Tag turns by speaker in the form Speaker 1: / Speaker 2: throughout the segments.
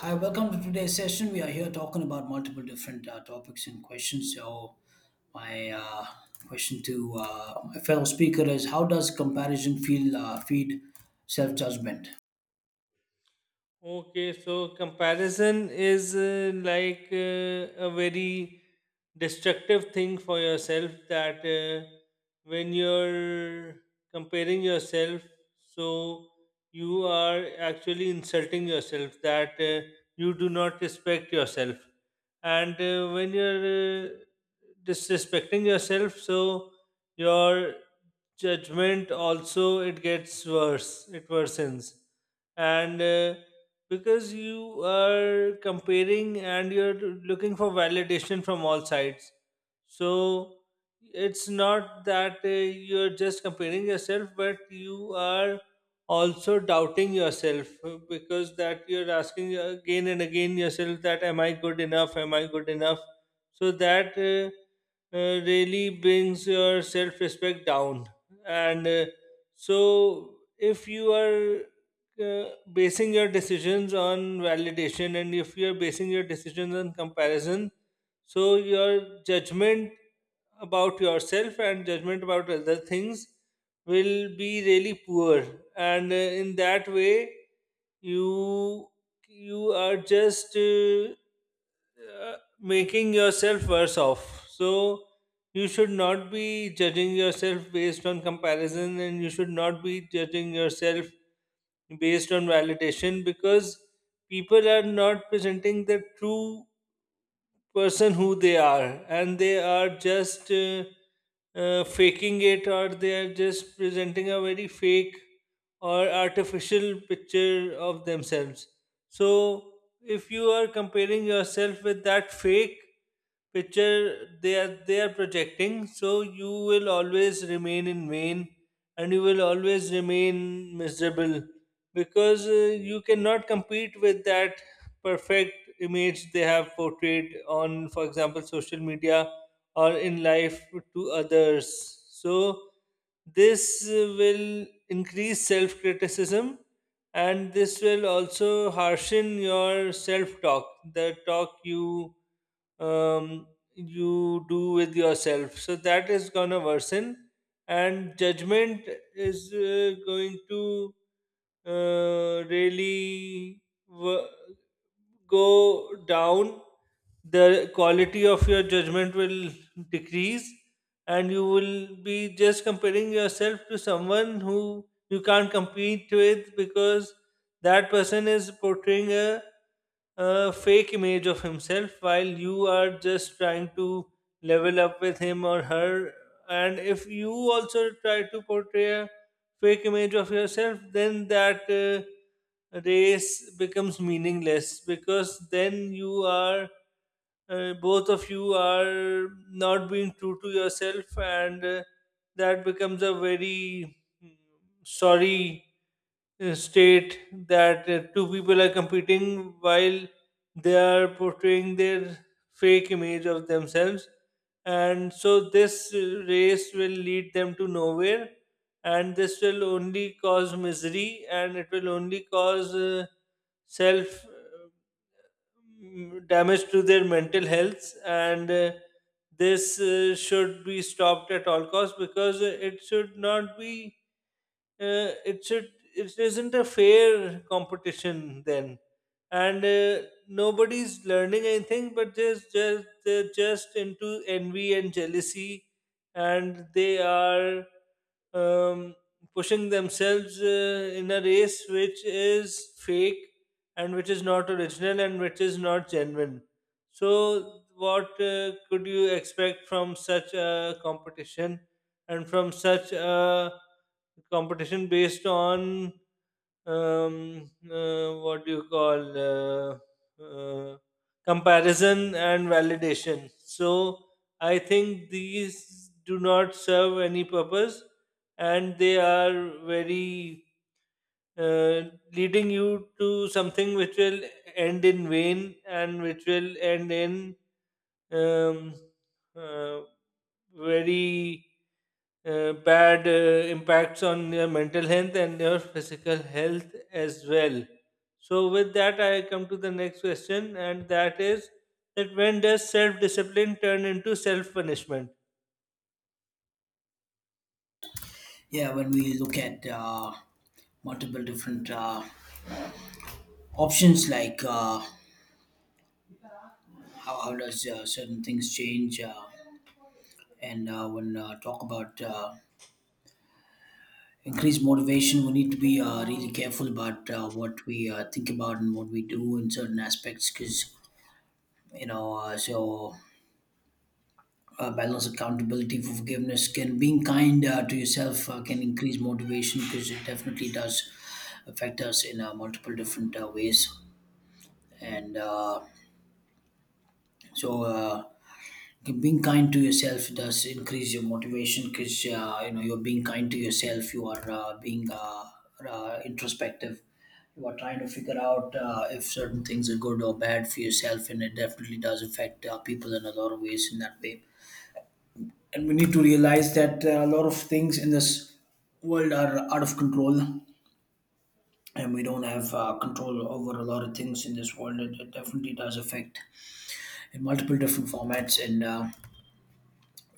Speaker 1: Hi, welcome to today's session. We are here talking about multiple different topics and questions. So, my question to my fellow speaker is: How does comparison feel feed self judgment?
Speaker 2: Okay, so comparison is like a very destructive thing for yourself that, when you're comparing yourself, so you are actually insulting yourself, that you do not respect yourself. And when you're disrespecting yourself, so your judgment also, it gets worse, it worsens. And because you are comparing and you're looking for validation from all sides, so it's not that you're just comparing yourself, but you are also doubting yourself, because that you're asking again and again yourself that am I good enough, am I good enough. So that really brings your self respect down. And so if you are basing your decisions on validation, and if you're basing your decisions on comparison, so your judgment about yourself and judgment about other things will be really poor. And in that way you you are just making yourself worse off. So you should not be judging yourself based on comparison, and you should not be judging yourself based on validation, because people are not presenting the true person who they are, and they are just faking it, or they are just presenting a very fake or artificial picture of themselves. So if you are comparing yourself with that fake picture they are projecting, so you will always remain in vain and you will always remain miserable, because you cannot compete with that perfect image they have portrayed on, for example, social media or in life to others. So this will increase self criticism, and this will also harshen your self talk, the talk you um, you do with yourself. So that is gonna worsen, and judgment is going to uh, really wo- go down, the quality of your judgment will decrease, and you will be just comparing yourself to someone who you can't compete with, because that person is portraying a fake image of himself while you are just trying to level up with him or her. And if you also try to portray a fake image of yourself, then that race becomes meaningless, because then you are both of you are not being true to yourself. And that becomes a very mm, sorry, state that two people are competing while they are portraying their fake image of themselves. And so this race will lead them to nowhere, and this will only cause misery, and it will only cause self damage to their mental health. And this should be stopped at all costs, because it should not be it should it isn't a fair competition then. And nobody's learning anything, but they're just into envy and jealousy, and they are um, pushing themselves in a race which is fake and which is not original and which is not genuine. So what could you expect from such a competition, and from such a competition based on what do you call uh, comparison and validation. So I think these do not serve any purpose, and they are very uh, leading you to something which will end in vain and which will end in um, uh, very bad impacts on your mental health and your physical health as well. So, with that, I come to the next question, and that is that when does self discipline turn into self punishment?
Speaker 1: Yeah, when we look at multiple different options, like how does certain things change, and when talk about increased motivation, we need to be really careful about what we think about and what we do in certain aspects, because you know balance accountability forgiveness can being kind to yourself can increase motivation because it definitely does affect us in multiple different ways and so uh, being kind to yourself does increase your motivation because you know you're being kind to yourself you are being introspective, you are trying to figure out if certain things are good or bad for yourself, and it definitely does affect people in a lot of ways in that way. And we need to realize that a lot of things in this world are out of control, and we don't have control over a lot of things in this world. It definitely does affect in multiple different formats. And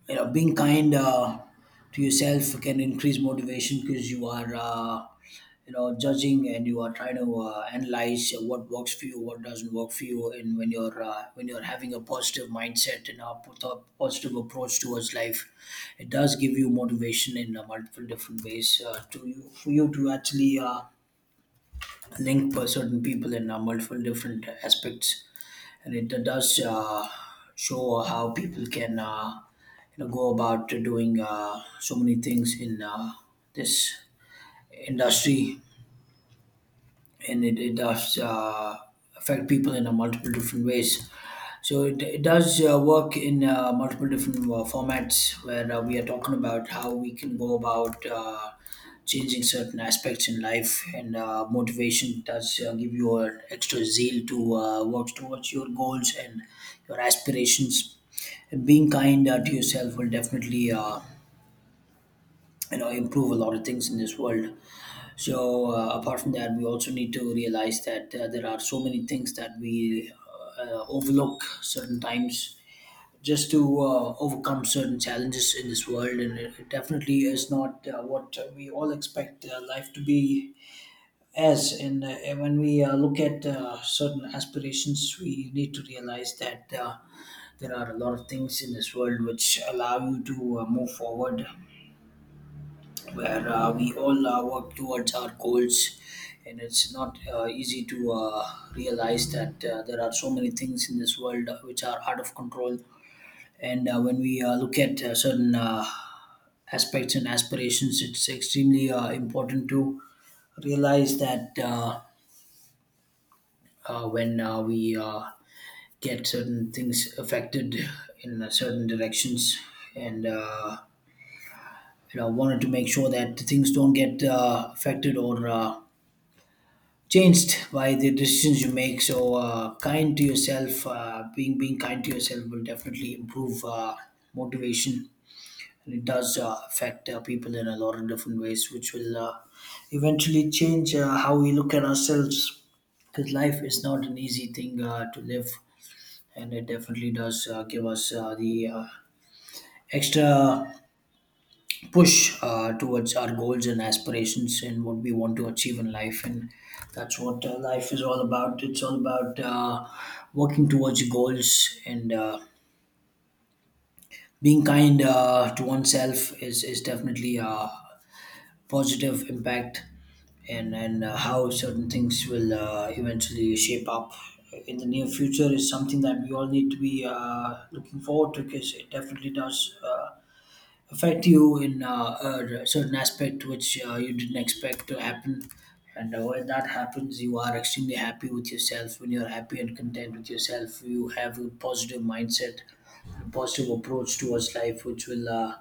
Speaker 1: You know, being kind to yourself can increase motivation because you are you know judging and you are trying to analyze what works for you, what doesn't work for you. And when you're having a positive mindset and a positive approach towards life, it does give you motivation in multiple different ways to you, for you to actually link for certain people in multiple different aspects. And it does show how people can you know go about doing so many things in this industry. And it does affect people in a multiple different ways. So it does work in multiple different formats where we are talking about how we can go about changing certain aspects in life. And motivation does give you an extra zeal to work towards your goals and your aspirations. And being kind to yourself will definitely you know improve a lot of things in this world. So apart from that, we also need to realize that there are so many things that we overlook certain times just to overcome certain challenges in this world, and it definitely is not what we all expect life to be as. And when we look at certain aspirations, we need to realize that. There are a lot of things in this world which allow you to move forward, where we all work towards our goals, and it's not easy to realize that there are so many things in this world which are out of control. And when we look at certain aspects and aspirations, it's extremely important to realize that when we get certain things affected in certain directions and you know wanted to make sure that things don't get affected or changed by the decisions you make. So kind to yourself, being kind to yourself will definitely improve motivation, and it does affect people in a lot of different ways, which will eventually change how we look at ourselves. Because life is not an easy thing to live, and it definitely does give us the extra push towards our goals and aspirations and what we want to achieve in life. And that's what life is all about. It's all about working towards your goals. And being kind to oneself is definitely a positive impact. And How certain things will eventually shape up in the near future is something that we all need to be looking forward to, because it definitely does affect you in a certain aspect which you didn't expect to happen. And when that happens, you are extremely happy with yourself. When you're happy and content with yourself, you have a positive mindset, a positive approach towards life, which will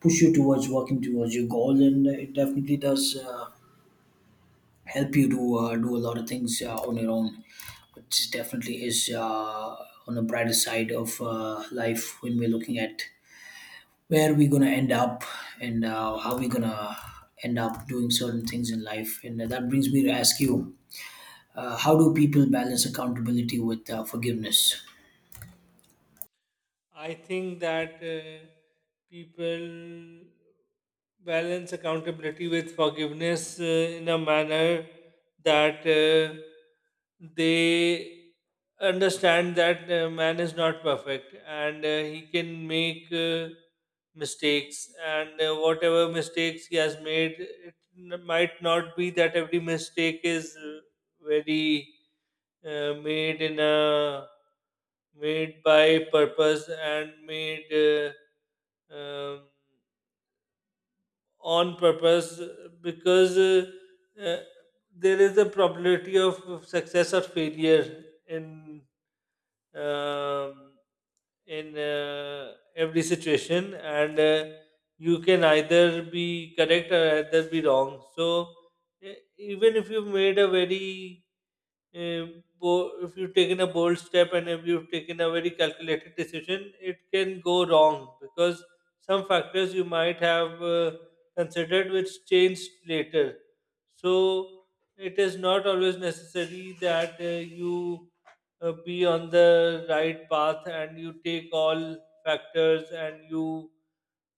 Speaker 1: push you towards working towards your goal. And it definitely does help you to do a lot of things on your own, which definitely is on the brighter side of life when we're looking at where we gonna end up and how we gonna end up doing certain things in life. And that brings me to ask you, how do people balance accountability with forgiveness?
Speaker 2: I think that people balance accountability with forgiveness in a manner that they understand that man is not perfect, and he can make mistakes, and whatever mistakes he has made, it might not be that every mistake is very made in a made by purpose and made um, on purpose, because uh, there is a probability of success or failure um, in every situation. And you can either be correct or either be wrong. So even if you've made a very uh, if you've taken a bold step, and if you've taken a very calculated decision, it can go wrong because some factors you might have considered which changed later. So it is not always necessary that you be on the right path, and you take all factors, and you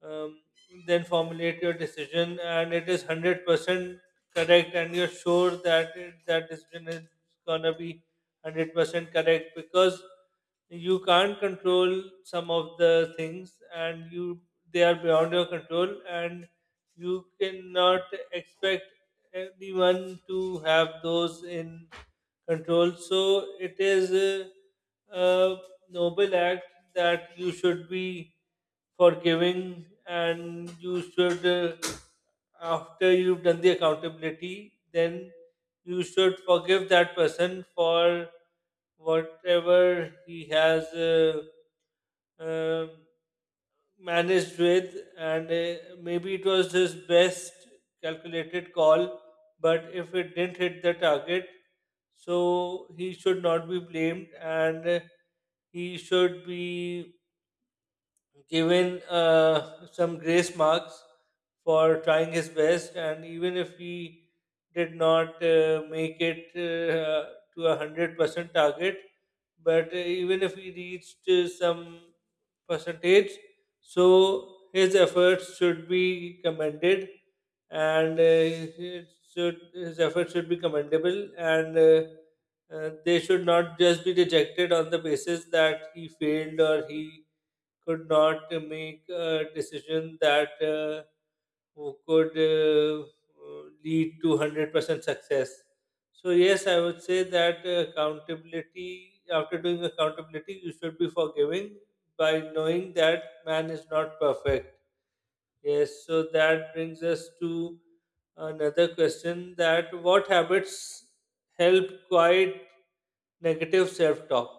Speaker 2: um, then formulate your decision and it is 100% correct, and you're sure that that decision is gonna be 100% correct. Because you can't control some of the things, and you they are beyond your control, and you cannot expect everyone to have those in control. So it is uh, uh, noble act that you should be forgiving, and you should, after you've done the accountability, then you should forgive that person for whatever he has um managed with. And maybe it was his best calculated call. But if it didn't hit the target, so he should not be blamed. And he should be given some grace marks for trying his best. And even if he did not make it to 100% target, but even if he reached some percentage. So his efforts should be commended, and his efforts should be commendable, and they should not just be rejected on the basis that he failed or he could not make a decision that who could lead to 100% success. So, yes, I would say that, after doing accountability, you should be forgiving, by knowing that man is not perfect. Yes, so that brings us to another question, that what habits help quiet negative self talk?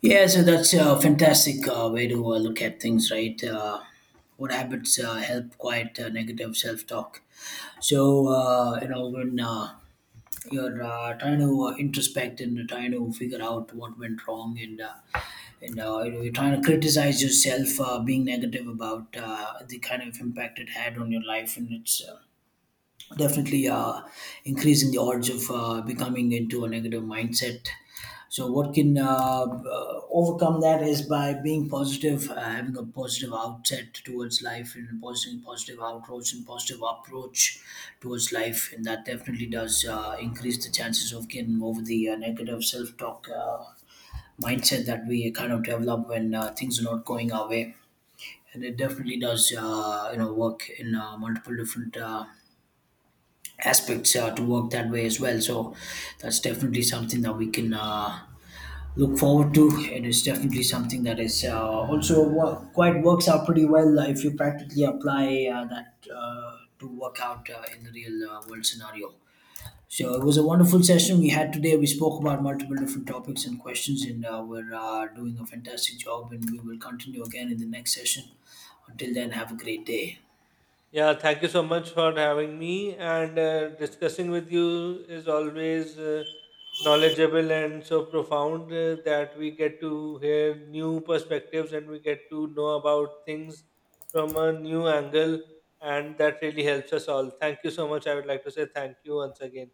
Speaker 1: Yeah, so that's a fantastic way to look at things, right? What habits help quiet negative self-talk? So you know when you're trying to introspect and trying to figure out what went wrong and you know, you're trying to criticize yourself, being negative about the kind of impact it had on your life, and it's definitely increasing the odds of becoming into a negative mindset. So, what can overcome that is by being positive, having a positive outset towards life, and positive approach towards life, and that definitely does increase the chances of getting over the negative self-talk mindset that we kind of develop when things are not going our way. And it definitely does, you know, work in multiple different aspects to work that way as well. So that's definitely something that we can look forward to, and it's definitely something that is also quite works out pretty well if you practically apply that to work out in the real world scenario. So it was a wonderful session we had today. We spoke about multiple different topics and questions, and we're doing a fantastic job. And we will continue again in the next session. Until then, have a great day.
Speaker 2: Yeah, thank you so much for having me. And discussing with you is always knowledgeable and so profound that we get to hear new perspectives, and we get to know about things from a new angle. And that really helps us all. Thank you so much. I would like to say thank you once again.